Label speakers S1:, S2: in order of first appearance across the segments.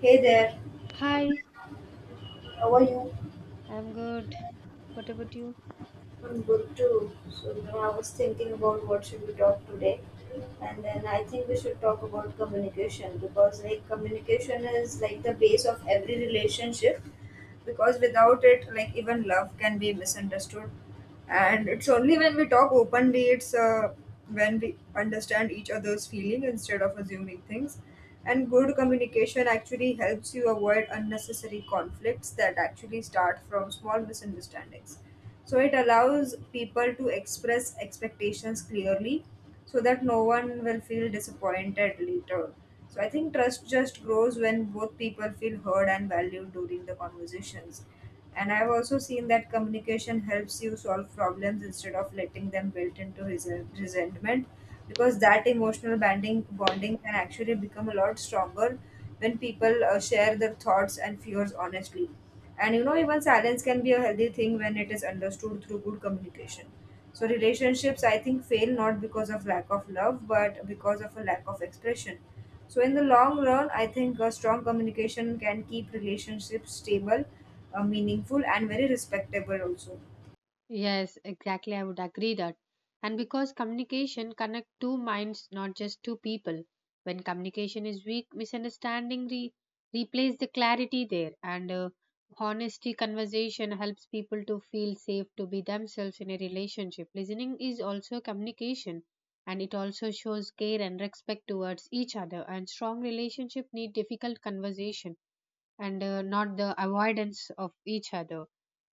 S1: Hey there,
S2: Hi,
S1: how are you?
S2: I'm good. What about you?
S1: I'm good too. So, you know, I was thinking about what should we talk today, and then I think we should talk about communication because, like, communication is like the base of every relationship. Because without it, like, even love can be misunderstood, and it's only when we talk openly, it's when we understand each other's feeling instead of assuming things. And good communication actually helps you avoid unnecessary conflicts that actually start from small misunderstandings. So it allows people to express expectations clearly so that no one will feel disappointed later. So I think trust just grows when both people feel heard and valued during the conversations. And I've also seen that communication helps you solve problems instead of letting them built into resentment because that emotional bonding can actually become a lot stronger when people share their thoughts and fears honestly. And you know, even silence can be a healthy thing when it is understood through good communication. So, relationships, I think, fail not because of lack of love, but because of a lack of expression, so in the long run, I think a strong communication can keep relationships stable, meaningful, and very respectable also.
S2: Yes, exactly. I would agree that. And because communication connect two minds, not just two people. When communication is weak, misunderstanding replace the clarity there, and honesty conversation helps people to feel safe to be themselves in a relationship. Listening is also communication, and it also shows care and respect towards each other. And strong relationship need difficult conversation and not the avoidance of each other.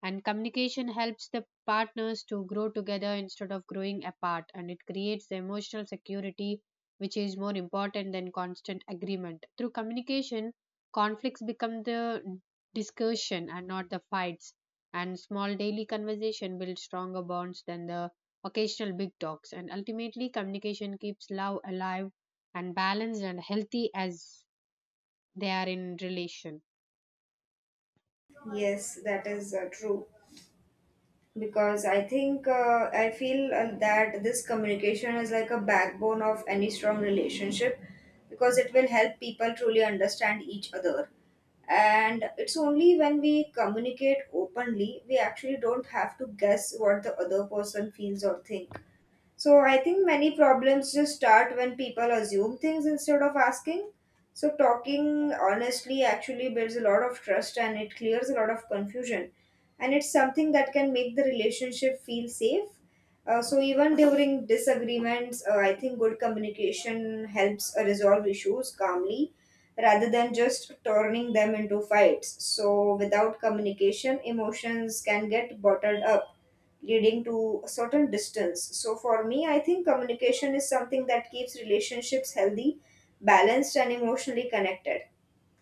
S2: And communication helps the partners to grow together instead of growing apart, and it creates the emotional security, which is more important than constant agreement. Through communication, conflicts become the discussion and not the fights, and small daily conversation builds stronger bonds than the occasional big talks. And ultimately, communication keeps love alive and balanced and healthy as they are in relation.
S1: Yes, that is true. Because I feel that this communication is like a backbone of any strong relationship because it will help people truly understand each other, and it's only when we communicate openly we actually don't have to guess what the other person feels or think. So I think many problems just start when people assume things instead of asking. So talking honestly actually builds a lot of trust and it clears a lot of confusion, and it's something that can make the relationship feel safe. So even during disagreements, I think good communication helps resolve issues calmly rather than just turning them into fights. So without communication, emotions can get bottled up, leading to a certain distance. So for me, I think communication is something that keeps relationships healthy, balanced, and emotionally connected.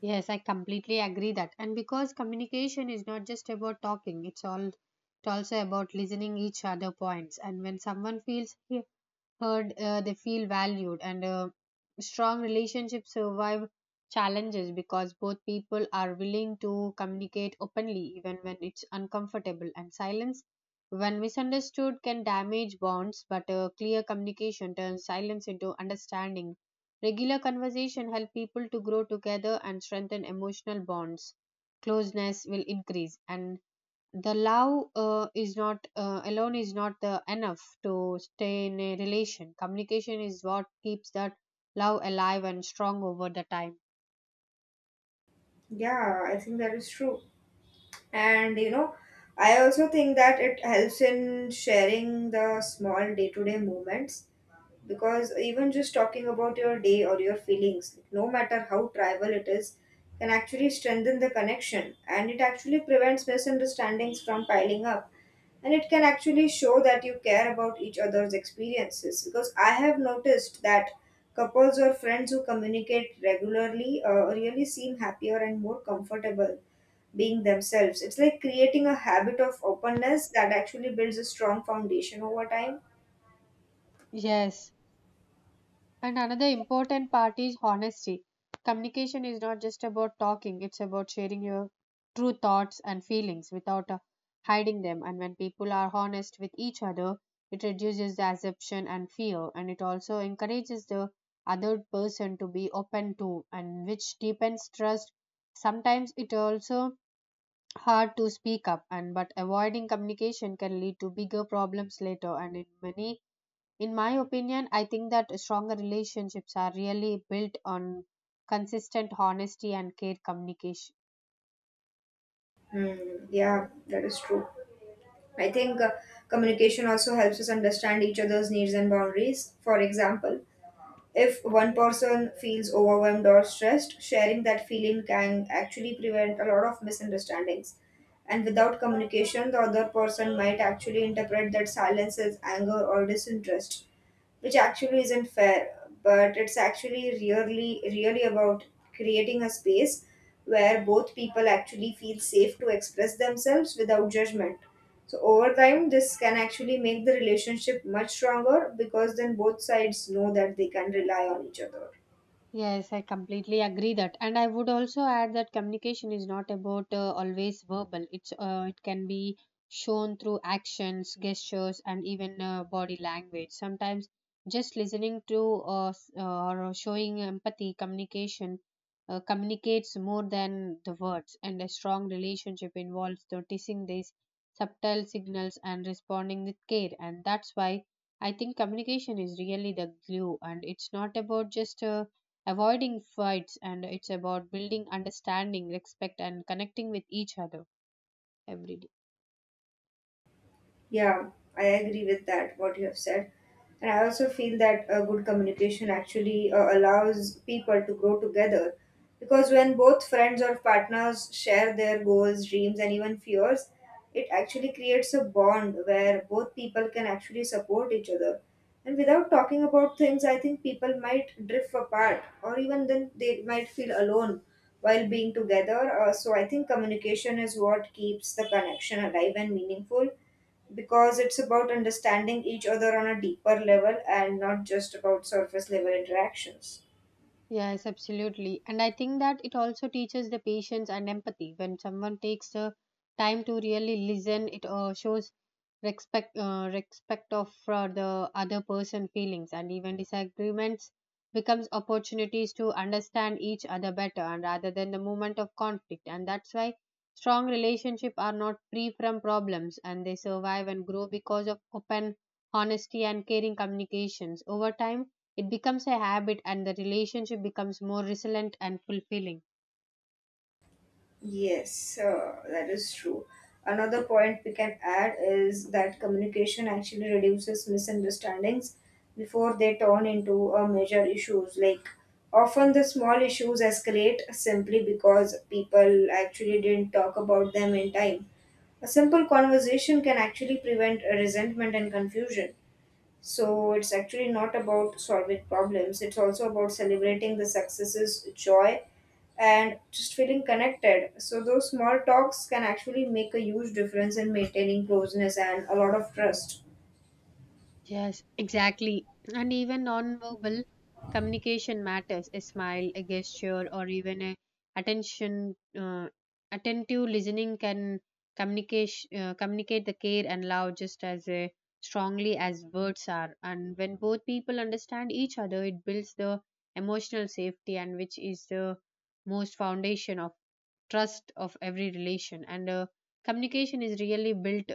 S2: Yes, I completely agree that. And because communication is not just about talking, it's also about listening each other points. And when someone feels heard, they feel valued, and strong relationships survive challenges because both people are willing to communicate openly, even when it's uncomfortable. And silence, when misunderstood, can damage bonds, but clear communication turns silence into understanding. Regular conversation help people to grow together and strengthen emotional bonds. Closeness will increase, and the love is not alone is not the enough to stay in a relation communication is what keeps that love alive and strong over the time
S1: Yeah, I think that is true. And you know, I also think that it helps in sharing the small day to day moments, because even just talking about your day or your feelings, no matter how tribal it is, can actually strengthen the connection, and it actually prevents misunderstandings from piling up, and it can actually show that you care about each other's experiences. Because I have noticed that couples or friends who communicate regularly really seem happier and more comfortable being themselves. It's like creating a habit of openness that actually builds a strong foundation over time.
S2: yes. And another important part is honesty. Communication is not just about talking, it's about sharing your true thoughts and feelings without hiding them. And when people are honest with each other, it reduces the assumption and fear, and it also encourages the other person to be open to, and which deepens trust. Sometimes it also hard to speak up and but avoiding communication can lead to bigger problems later and in my opinion, I think that stronger relationships are really built on consistent honesty and clear communication.
S1: Mm, yeah, that is true. I think communication also helps us understand each other's needs and boundaries. For example, if one person feels overwhelmed or stressed, sharing that feeling can actually prevent a lot of misunderstandings. And without communication, the other person might actually interpret that silence as anger or disinterest, which actually isn't fair. But it's actually really about creating a space where both people actually feel safe to express themselves without judgment. So over time, this can actually make the relationship much stronger, because then both sides know that they can rely on each other.
S2: Yes, I completely agree that. And I would also add that communication is not about always verbal. It can be shown through actions, gestures, and even body language. Sometimes just listening to or showing empathy, communication communicates more than the words. And a strong relationship involves noticing these subtle signals and responding with care. And that's why I think communication is really the glue. And it's not about just avoiding fights and it's about building understanding respect and connecting with each other every day.
S1: Yeah, I agree with that, what you have said. And I also feel that good communication actually allows people to grow together. Because when both friends or partners share their goals, dreams, and even fears, it actually creates a bond where both people can actually support each other. And without talking about things, I think people might drift apart, or even then they might feel alone while being together. So I think communication is what keeps the connection alive and meaningful, because it's about understanding each other on a deeper level and not just about surface level interactions.
S2: Yes, absolutely. And I think that it also teaches the patience and empathy. When someone takes the time to really listen, it shows respect of for the other person feelings and even disagreements becomes opportunities to understand each other better and rather than the moment of conflict. And that's why strong relationships are not free from problems and they survive and grow because of open honesty and caring communications. Over time, it becomes a habit and the relationship becomes more resilient and fulfilling.
S1: Yes, that is true. Another point we can add is that communication actually reduces misunderstandings before they turn into major issues. Like, often the small issues escalate simply because people actually didn't talk about them in time. A simple conversation can actually prevent resentment and confusion. So it's actually not about solving problems, it's also about celebrating the successes, joy, and just feeling connected. So those small talks can actually make a huge difference in maintaining closeness and a lot of trust.
S2: Yes, exactly. And even non-verbal communication matters. A smile, a gesture, or even a attention, uh, attentive listening can communicate the care and love just as strongly as words are. And when both people understand each other, it builds the emotional safety, and which is the most foundation of trust of every relation and communication is really built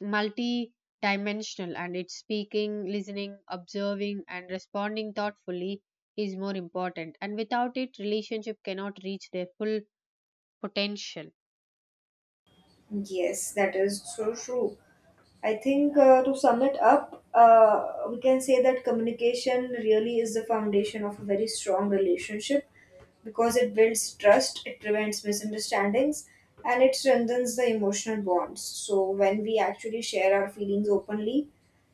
S2: multi-dimensional and it's speaking listening observing and responding thoughtfully is more important and without it relationship cannot reach their full potential.
S1: Yes, that is so true. I think to sum it up, we can say that communication really is the foundation of a very strong relationship, because it builds trust, it prevents misunderstandings, and it strengthens the emotional bonds. So, when we actually share our feelings openly,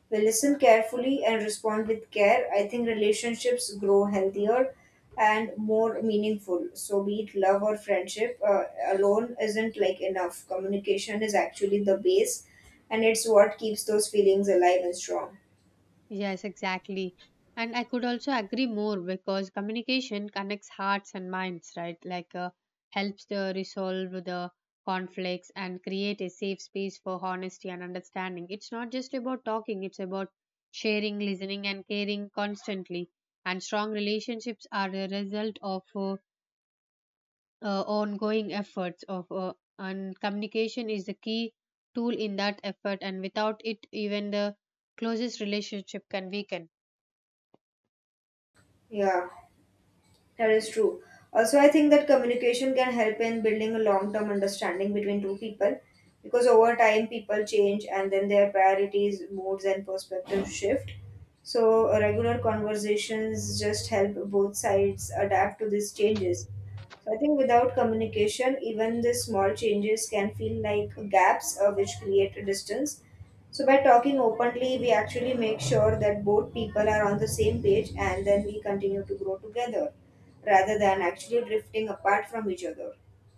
S1: we listen carefully and respond with care, I think relationships grow healthier and more meaningful. So, be it love or friendship, alone isn't like enough. Communication is actually the base, and it's what keeps those feelings alive and strong.
S2: Yes, exactly. And I could also agree more because communication connects hearts and minds, right? Like helps to resolve the conflicts and create a safe space for honesty and understanding. It's not just about talking, it's about sharing, listening, and caring constantly. And strong relationships are the result of ongoing efforts of and communication is the key tool in that effort and without it even the closest relationship can weaken.
S1: Yeah, that is true. Also, I think that communication can help in building a long term understanding between two people, because over time people change and then their priorities, moods, and perspectives shift. So, regular conversations just help both sides adapt to these changes. So, I think without communication, even the small changes can feel like gaps, which create a distance. So, by talking openly, we actually make sure that both people are on the same page, and then we continue to grow together rather than actually drifting apart from each other.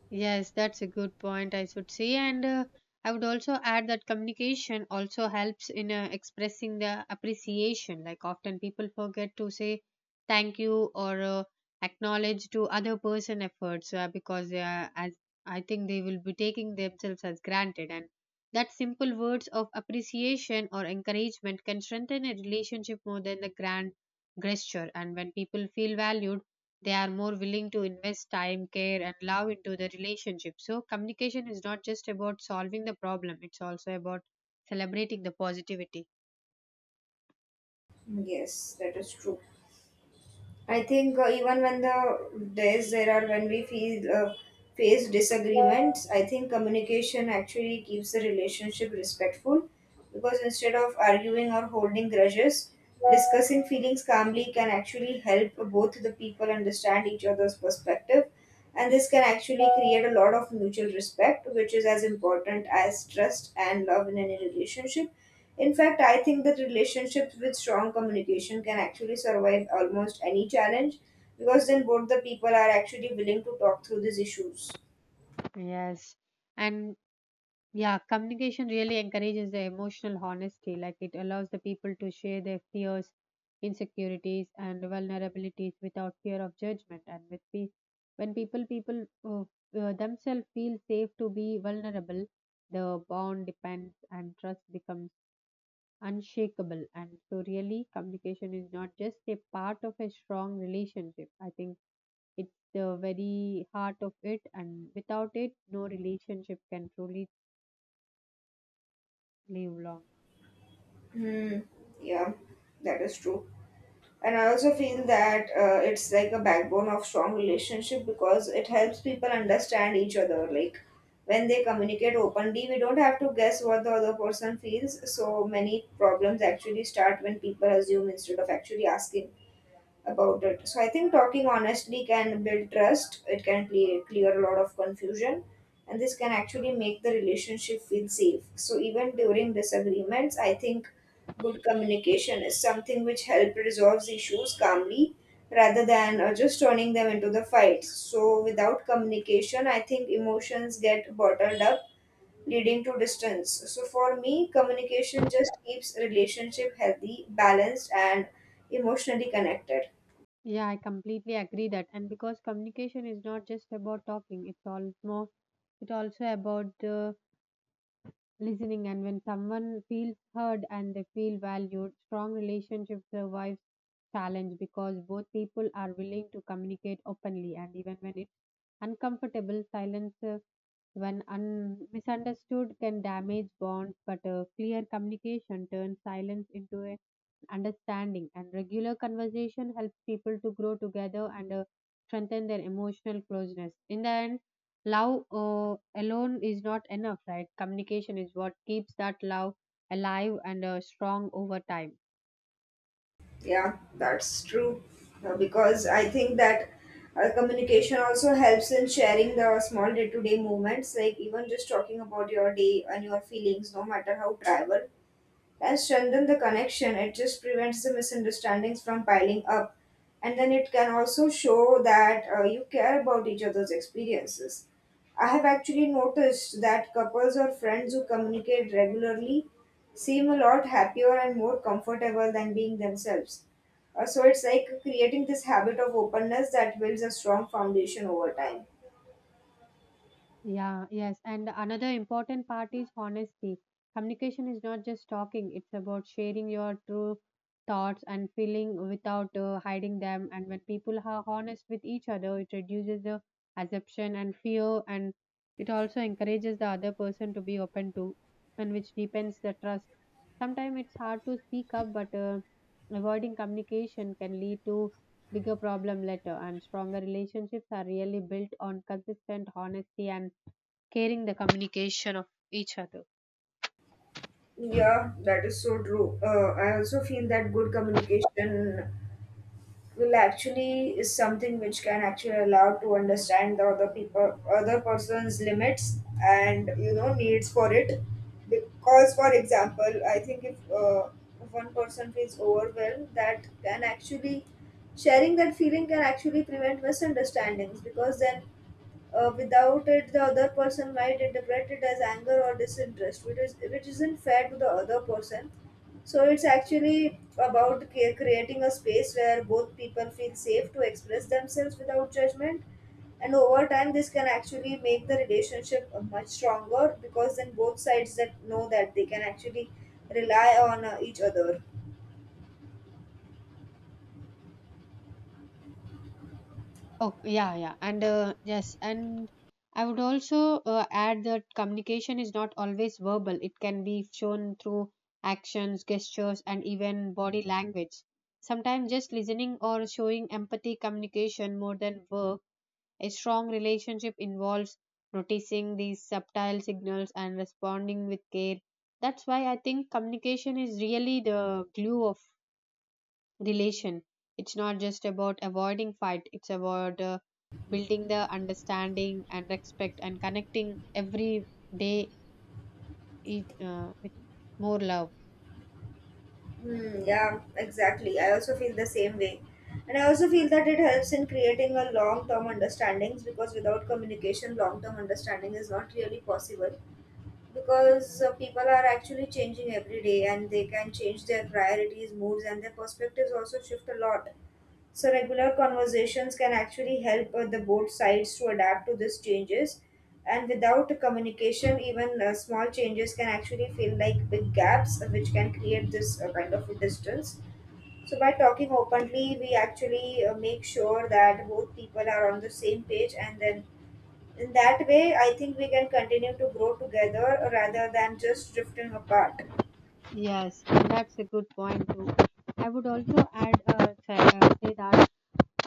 S2: Yes, that's a good point, I should say. And I would also add that communication also helps in expressing the appreciation. Like often people forget to say thank you or acknowledge to other person efforts because they are, as I think they will be taking themselves as granted. And that simple words of appreciation or encouragement can strengthen a relationship more than the grand gesture. And when people feel valued, they are more willing to invest time, care, and love into the relationship. So, communication is not just about solving the problem, it's also about celebrating the positivity.
S1: Yes, that is true. I think even when the days there are when we feel face disagreements, I think communication actually keeps the relationship respectful, because instead of arguing or holding grudges, discussing feelings calmly can actually help both the people understand each other's perspective, and this can actually create a lot of mutual respect, which is as important as trust and love in any relationship. In fact, I think that relationships with strong communication can actually survive almost any challenge, because then both the people are actually willing to talk through these issues.
S2: Yes. And yeah, communication really encourages the emotional honesty. Like it allows the people to share their fears, insecurities, and vulnerabilities without fear of judgment. And when people themselves feel safe to be vulnerable, the bond depends and trust becomes unshakable. And so, really, communication is not just a part of a strong relationship. I think it's the very heart of it, and without it, no relationship can truly live long.
S1: Hmm, yeah, that is true. And I also feel that it's like a backbone of strong relationship, because it helps people understand each other. Like, when they communicate openly we don't have to guess what the other person feels, so many problems actually start when people assume instead of actually asking about it. So I think talking honestly can build trust. It can clear a lot of confusion, and this can actually make the relationship feel safe. So even during disagreements, I think good communication is something which help resolves issues calmly rather than just turning them into the fight. So without communication, I think emotions get bottled up, leading to distance. So for me, communication just keeps relationship healthy, balanced and emotionally connected.
S2: Yeah, I completely agree that. And because communication is not just about talking, it's also about the listening. And when someone feels heard and they feel valued, strong relationship survives challenge because both people are willing to communicate openly and even when uncomfortable silence, when misunderstood, can damage bonds, but clear communication turns silence into a understanding, and regular conversation helps people to grow together and strengthen their emotional closeness. In the end, love alone is not enough, right? Communication is what keeps that love alive and strong over time.
S1: Yeah, that's true. Because I think that communication also helps in sharing the small day to day moments, like even just talking about your day and your feelings, no matter how trivial, and strengthen the connection. It just prevents the misunderstandings from piling up. And then it can also show that you care about each other's experiences. I have actually noticed that couples or friends who communicate regularly seem a lot happier and more comfortable than being themselves. So it's like creating this habit of openness that builds a strong foundation over time.
S2: Yeah, yes. And another important part is honesty. Communication is not just talking, it's about sharing your true thoughts and feeling without hiding them. And when people are honest with each other, it reduces the assumption and fear, and it also encourages the other person to be open to, and which deepens the trust. Sometimes it's hard to speak up, but avoiding communication can lead to bigger problem later. And stronger relationships are really built on consistent honesty and caring the communication of each other.
S1: Yeah, that is so true. I also feel that good communication will actually is something which can actually allow to understand the other people other person's limits and you know needs for it, because for example I think if one person feels overwhelmed, that can actually sharing that feeling can actually prevent misunderstandings, because then, without it, the other person might interpret it as anger or disinterest, which isn't fair to the other person. So it's actually about creating a space where both people feel safe to express themselves without judgment. And over time, this can actually make the relationship much stronger, because then both sides that know that they can actually rely on each other.
S2: Oh, yeah, yeah. And yes, and I would also add that communication is not always verbal. It can be shown through actions, gestures, and even body language. Sometimes just listening or showing empathy communication more than work. A strong relationship involves noticing these subtle signals and responding with care. That's why I think communication is really the glue of relation. It's not just about avoiding fight, it's about building the understanding and respect and connecting every day with more love.
S1: Hmm, yeah, exactly. I also feel the same way. And I also feel that it helps in creating a long term understandings, because without communication, long term understanding is not really possible. Because people are actually changing every day, and they can change their priorities, moods, and their perspectives also shift a lot. So regular conversations can actually help the both sides to adapt to these changes. And without communication, even small changes can actually feel like big gaps, which can create this kind of a distance. So by talking openly, we actually make sure that both people are on the same page, and then in that way, I think we can continue to grow together rather than just drifting apart.
S2: Yes, that's a good point too. I would also add say that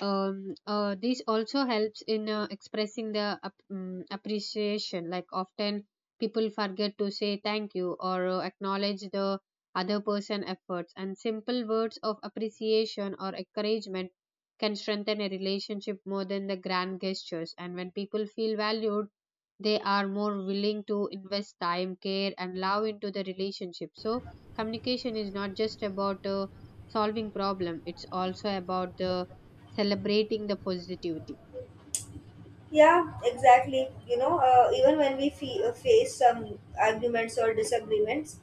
S2: this also helps in expressing the appreciation like often people forget to say thank you or acknowledge the other person efforts and simple words of appreciation or encouragement can strengthen a relationship more than the grand gestures and when people feel valued they are more willing to invest time care and love into the relationship so communication is not just about solving problem it's also about the celebrating the positivity.
S1: Yeah, exactly. You know, even when we face some arguments or disagreements,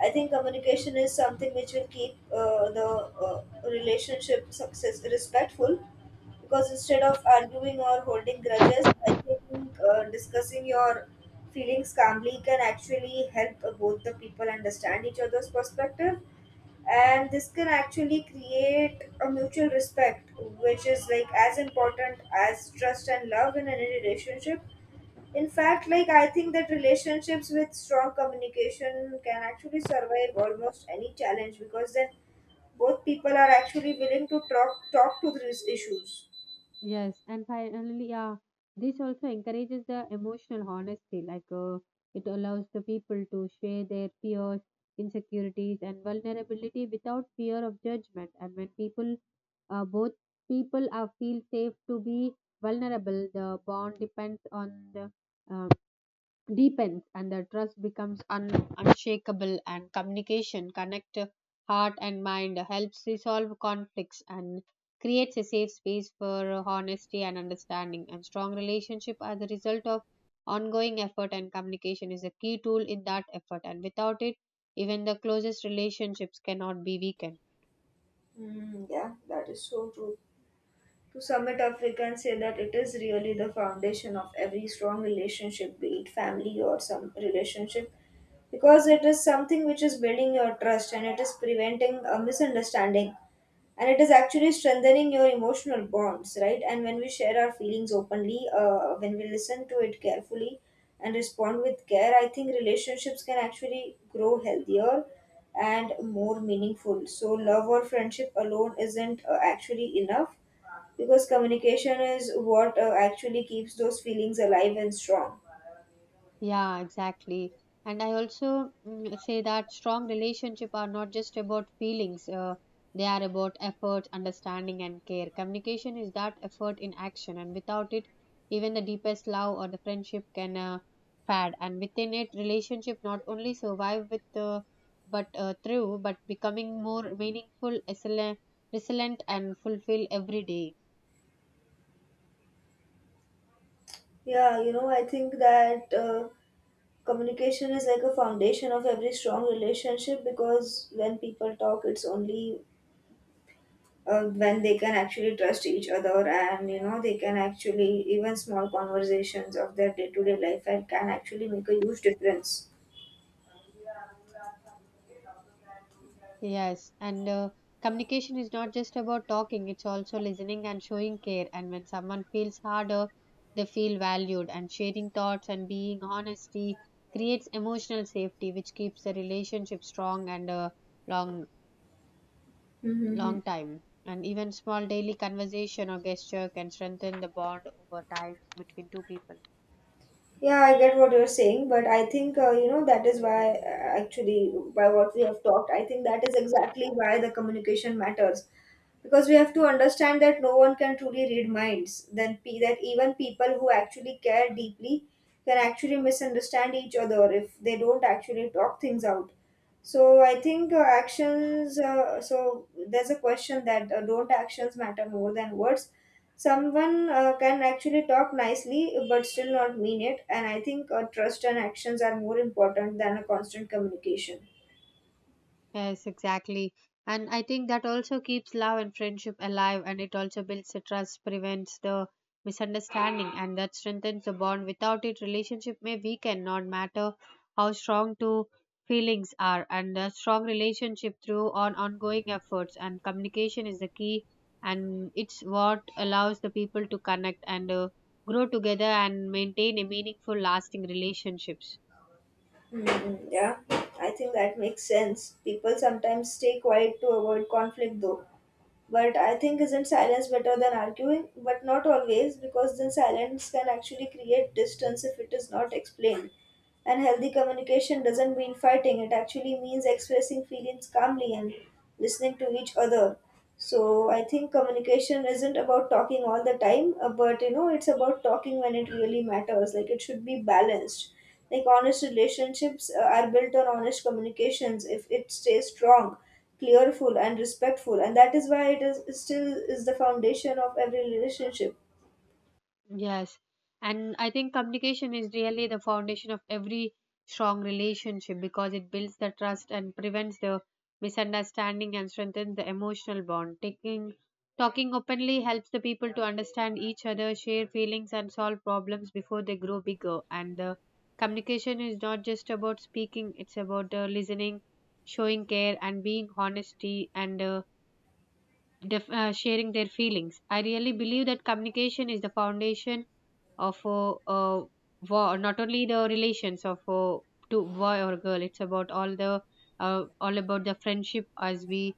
S1: I think communication is something which will keep the uh, relationship success respectful. Because instead of arguing or holding grudges, I think discussing your feelings calmly can actually help both the people understand each other's perspective, and this can actually create a mutual respect which is like as important as trust and love in any relationship. In fact, like, I think that relationships with strong communication can actually survive almost any challenge because then both people are actually willing to talk to these issues.
S2: Yes, and finally, yeah, this also encourages the emotional honesty. Like, it allows the people to share their fears, insecurities, and vulnerability without fear of judgment. And when people, both people, are feel safe to be vulnerable, the bond depends on the um, deepens and the trust becomes unshakable and communication connect heart and mind helps resolve conflicts and creates a safe space for honesty and understanding and strong relationship are the result of ongoing effort and communication is a key tool in that effort and without it even the closest relationships cannot be weakened.
S1: Yeah, that is so true. To sum it up, we can say that it is really the foundation of every strong relationship, be it family or some relationship, because it is something which is building your trust and it is preventing a misunderstanding, and it is actually strengthening your emotional bonds, right? And when we share our feelings openly, when we listen to it carefully and respond with care, I think relationships can actually grow healthier and more meaningful. So, love or friendship alone isn't actually enough because communication is what actually keeps those feelings alive and strong.
S2: Yeah, exactly. And I also say that strong relationship are not just about feelings. They are about effort, understanding, and care. Communication is that effort in action, and without it, even the deepest love or the friendship can fade. And within it, relationship not only survive with, but through, but becoming more meaningful, excellent, resilient, and fulfill every day.
S1: Yeah, you know, I think that communication is like a foundation of every strong relationship because when people talk, it's only when they can actually trust each other, and you know, they can actually, even small conversations of their day-to-day life, and can actually make a huge difference.
S2: Yes, and communication is not just about talking, it's also listening and showing care. And when someone feels harder, they feel valued. And sharing thoughts and being honesty creates emotional safety, which keeps the relationship strong and a long,
S1: Mm-hmm.
S2: long time. And even small daily conversation or gesture can strengthen the bond over time between two people.
S1: Yeah, I get what you're saying, but I think you know, that is why actually, by what we have talked, I think that is exactly why the communication matters, because we have to understand that no one can truly read minds. Then pe— that even people who actually care deeply can actually misunderstand each other if they don't actually talk things out. So I think actions. So there's a question that don't actions matter more than words? Someone can actually talk nicely but still not mean it, and I think trust and actions are more important than a constant communication.
S2: Yes, exactly. And I think that also keeps love and friendship alive and it also builds the trust, prevents the misunderstanding, and that strengthens the bond. Without it, relationship may weaken, not matter how strong two feelings are. And a strong relationship through on ongoing efforts and communication is the key, and it's what allows the people to connect and grow together and maintain a meaningful, lasting relationships.
S1: Yeah, I think that makes sense. People sometimes stay quiet to avoid conflict, though. But I think, isn't silence better than arguing? But not always, because then silence can actually create distance if it is not explained. And healthy communication doesn't mean fighting, it actually means expressing feelings calmly and listening to each other. So I think communication isn't about talking all the time, but you know, it's about talking when it really matters. Like, it should be balanced. Like, honest relationships are built on honest communications. If it stays strong, clearful and respectful, and that is why it still is the foundation of every relationship.
S2: Yes, and I think communication is really the foundation of every strong relationship because it builds the trust and prevents the misunderstanding and strengthens the emotional bond. Taking Talking openly helps the people to understand each other, share feelings, and solve problems before they grow bigger. And the communication is not just about speaking; it's about listening, showing care, and being honesty and sharing their feelings. I really believe that communication is the foundation of not only the relations of a to boy or girl, it's about all the all about the friendship as we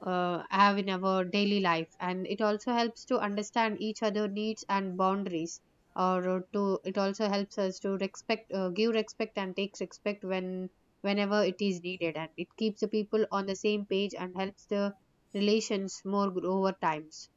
S2: have in our daily life, and it also helps to understand each other needs and boundaries or to it also helps us to respect, give respect and takes respect whenever it is needed, and it keeps the people on the same page and helps the relations more grow over times.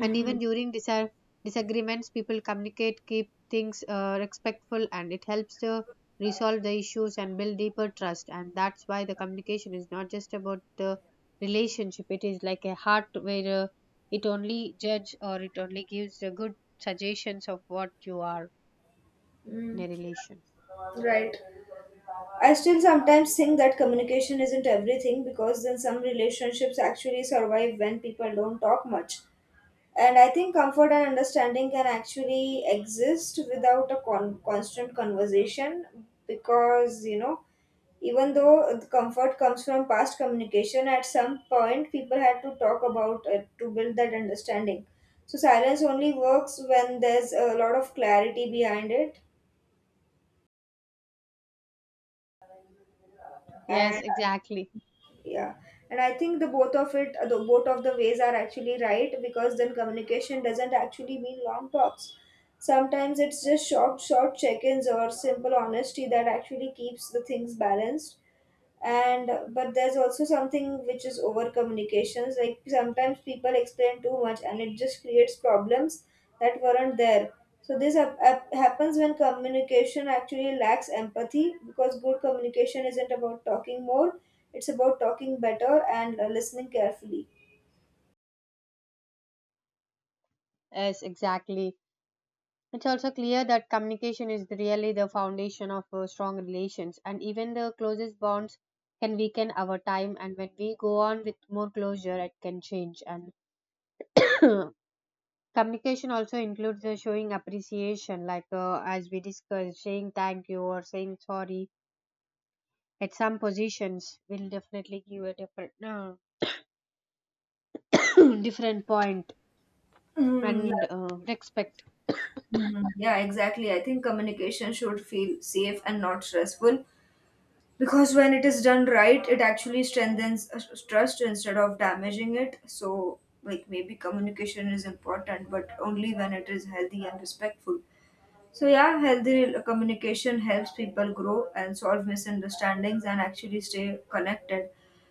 S2: And even during disagreements people communicate keep things respectful, and it helps to resolve the issues and build deeper trust. And that's why the communication is not just about the relationship, it is like a heart where it only judge or it only gives a good suggestions of what you are in a relation.
S1: Right. I still sometimes think that communication isn't everything, because then some relationships actually survive when people don't talk much. And I think comfort and understanding can actually exist without a constant conversation, because, you know, even though the comfort comes from past communication, at some point people had to talk about it to build that understanding. So silence only works when there's a lot of clarity behind it.
S2: Yes,
S1: And
S2: exactly.
S1: yeah, and I think the both of the ways are actually right, because then communication doesn't actually mean long talks. Sometimes it's just short check-ins or simple honesty that actually keeps the things balanced. And but there's also something which is over communications, like sometimes people explain too much and it just creates problems that weren't there. So this happens when communication actually lacks empathy, because good communication isn't about talking more, it's about talking better and listening carefully.
S2: Yes, exactly. It's also clear that communication is really the foundation of strong relations, and even the closest bonds can weaken over time. And when we go on with more closure, it can change. And communication also includes showing appreciation, like as we discussed, saying thank you or saying sorry. At some positions, will definitely give a different, different point
S1: Yeah,
S2: and respect.
S1: mhm. Yeah, exactly. I think communication should feel safe and not stressful, because when it is done right it actually strengthens trust instead of damaging it. So like, maybe communication is important but only when it is healthy and respectful. So yeah, healthy communication helps people grow and solve misunderstandings and actually stay connected.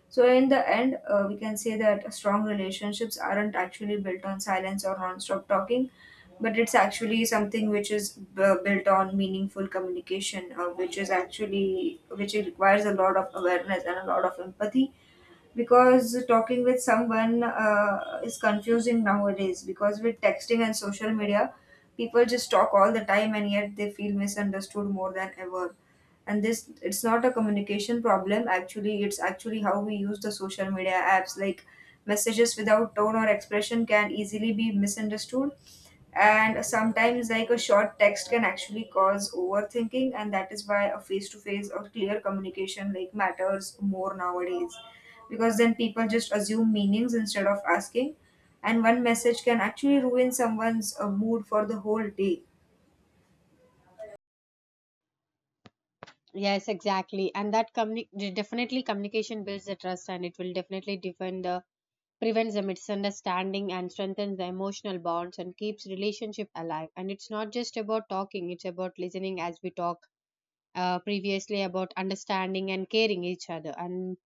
S1: So in the end, we can say that strong relationships aren't actually built on silence or non-stop talking, but it's actually something which is built on meaningful communication, which is actually, which requires a lot of awareness and a lot of empathy, because talking with someone is confusing nowadays, because with texting and social media people just talk all the time and yet they feel misunderstood more than ever. And this, it's not a communication problem actually, it's actually how we use the social media apps. Like, messages without tone or expression can easily be misunderstood, and sometimes like a short text can actually cause overthinking, and that is why a face to face or clear communication like matters more nowadays, because then people just assume meanings instead of asking, and one message can actually ruin someone's mood for the whole day.
S2: Yes, exactly. And that definitely communication builds the trust, and it will definitely defend the prevents the misunderstanding and strengthens the emotional bonds and keeps relationship alive. And it's not just about talking, it's about listening as we talk previously about understanding and caring each other. And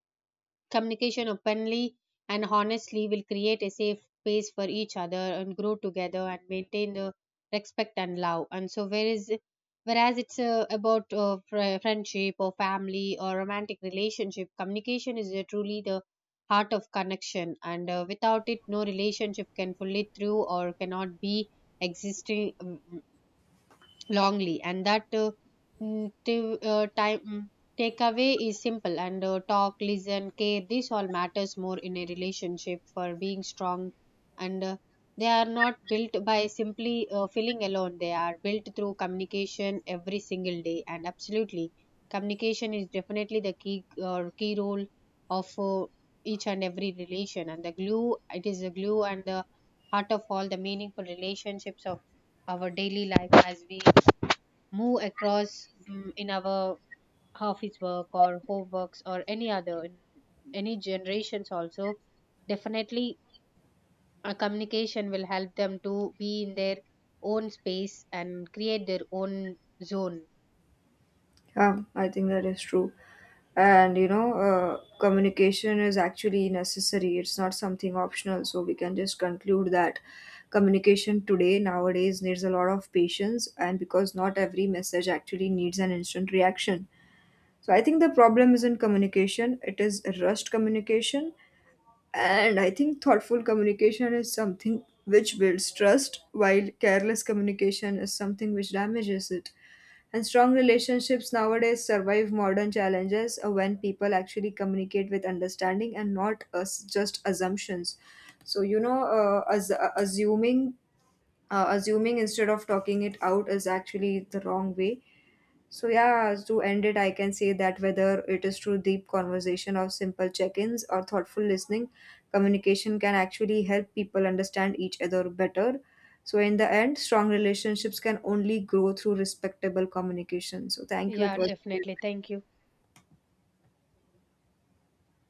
S2: communication openly and honestly will create a safe space for each other and grow together and maintain the respect and love. And so, whereas it's about friendship or family or romantic relationship, communication is truly the heart of connection. And without it, no relationship can fully through or cannot be existing longly, and that time takeaway is simple, and talk, listen, care, this all matters more in a relationship for being strong. And they are not built by simply feeling alone, they are built through communication every single day. And absolutely communication is definitely the key or key role of each and every relation, and the glue, it is the glue and the heart of all the meaningful relationships of our daily life as we move across in our office work or homeworks or any other in any generations. Also definitely a communication will help them to be in their own space and create their own zone.
S1: Yeah, I think that is true. And you know, communication is actually necessary, it's not something optional. So we can just conclude that communication today nowadays needs a lot of patience, and because not every message actually needs an instant reaction. So I think the problem isn't communication, it is rushed communication. And I think thoughtful communication is something which builds trust, while careless communication is something which damages it. And strong relationships nowadays survive modern challenges when people actually communicate with understanding and not us just assumptions. So you know, as, assuming assuming instead of talking it out is actually the wrong way. So yeah, to end it, I can say that whether it is through deep conversation or simple check-ins or thoughtful listening, communication can actually help people understand each other better. So in the end, strong relationships can only grow through respectable communication. So thank you. It
S2: Yeah,
S1: was
S2: definitely, thank you.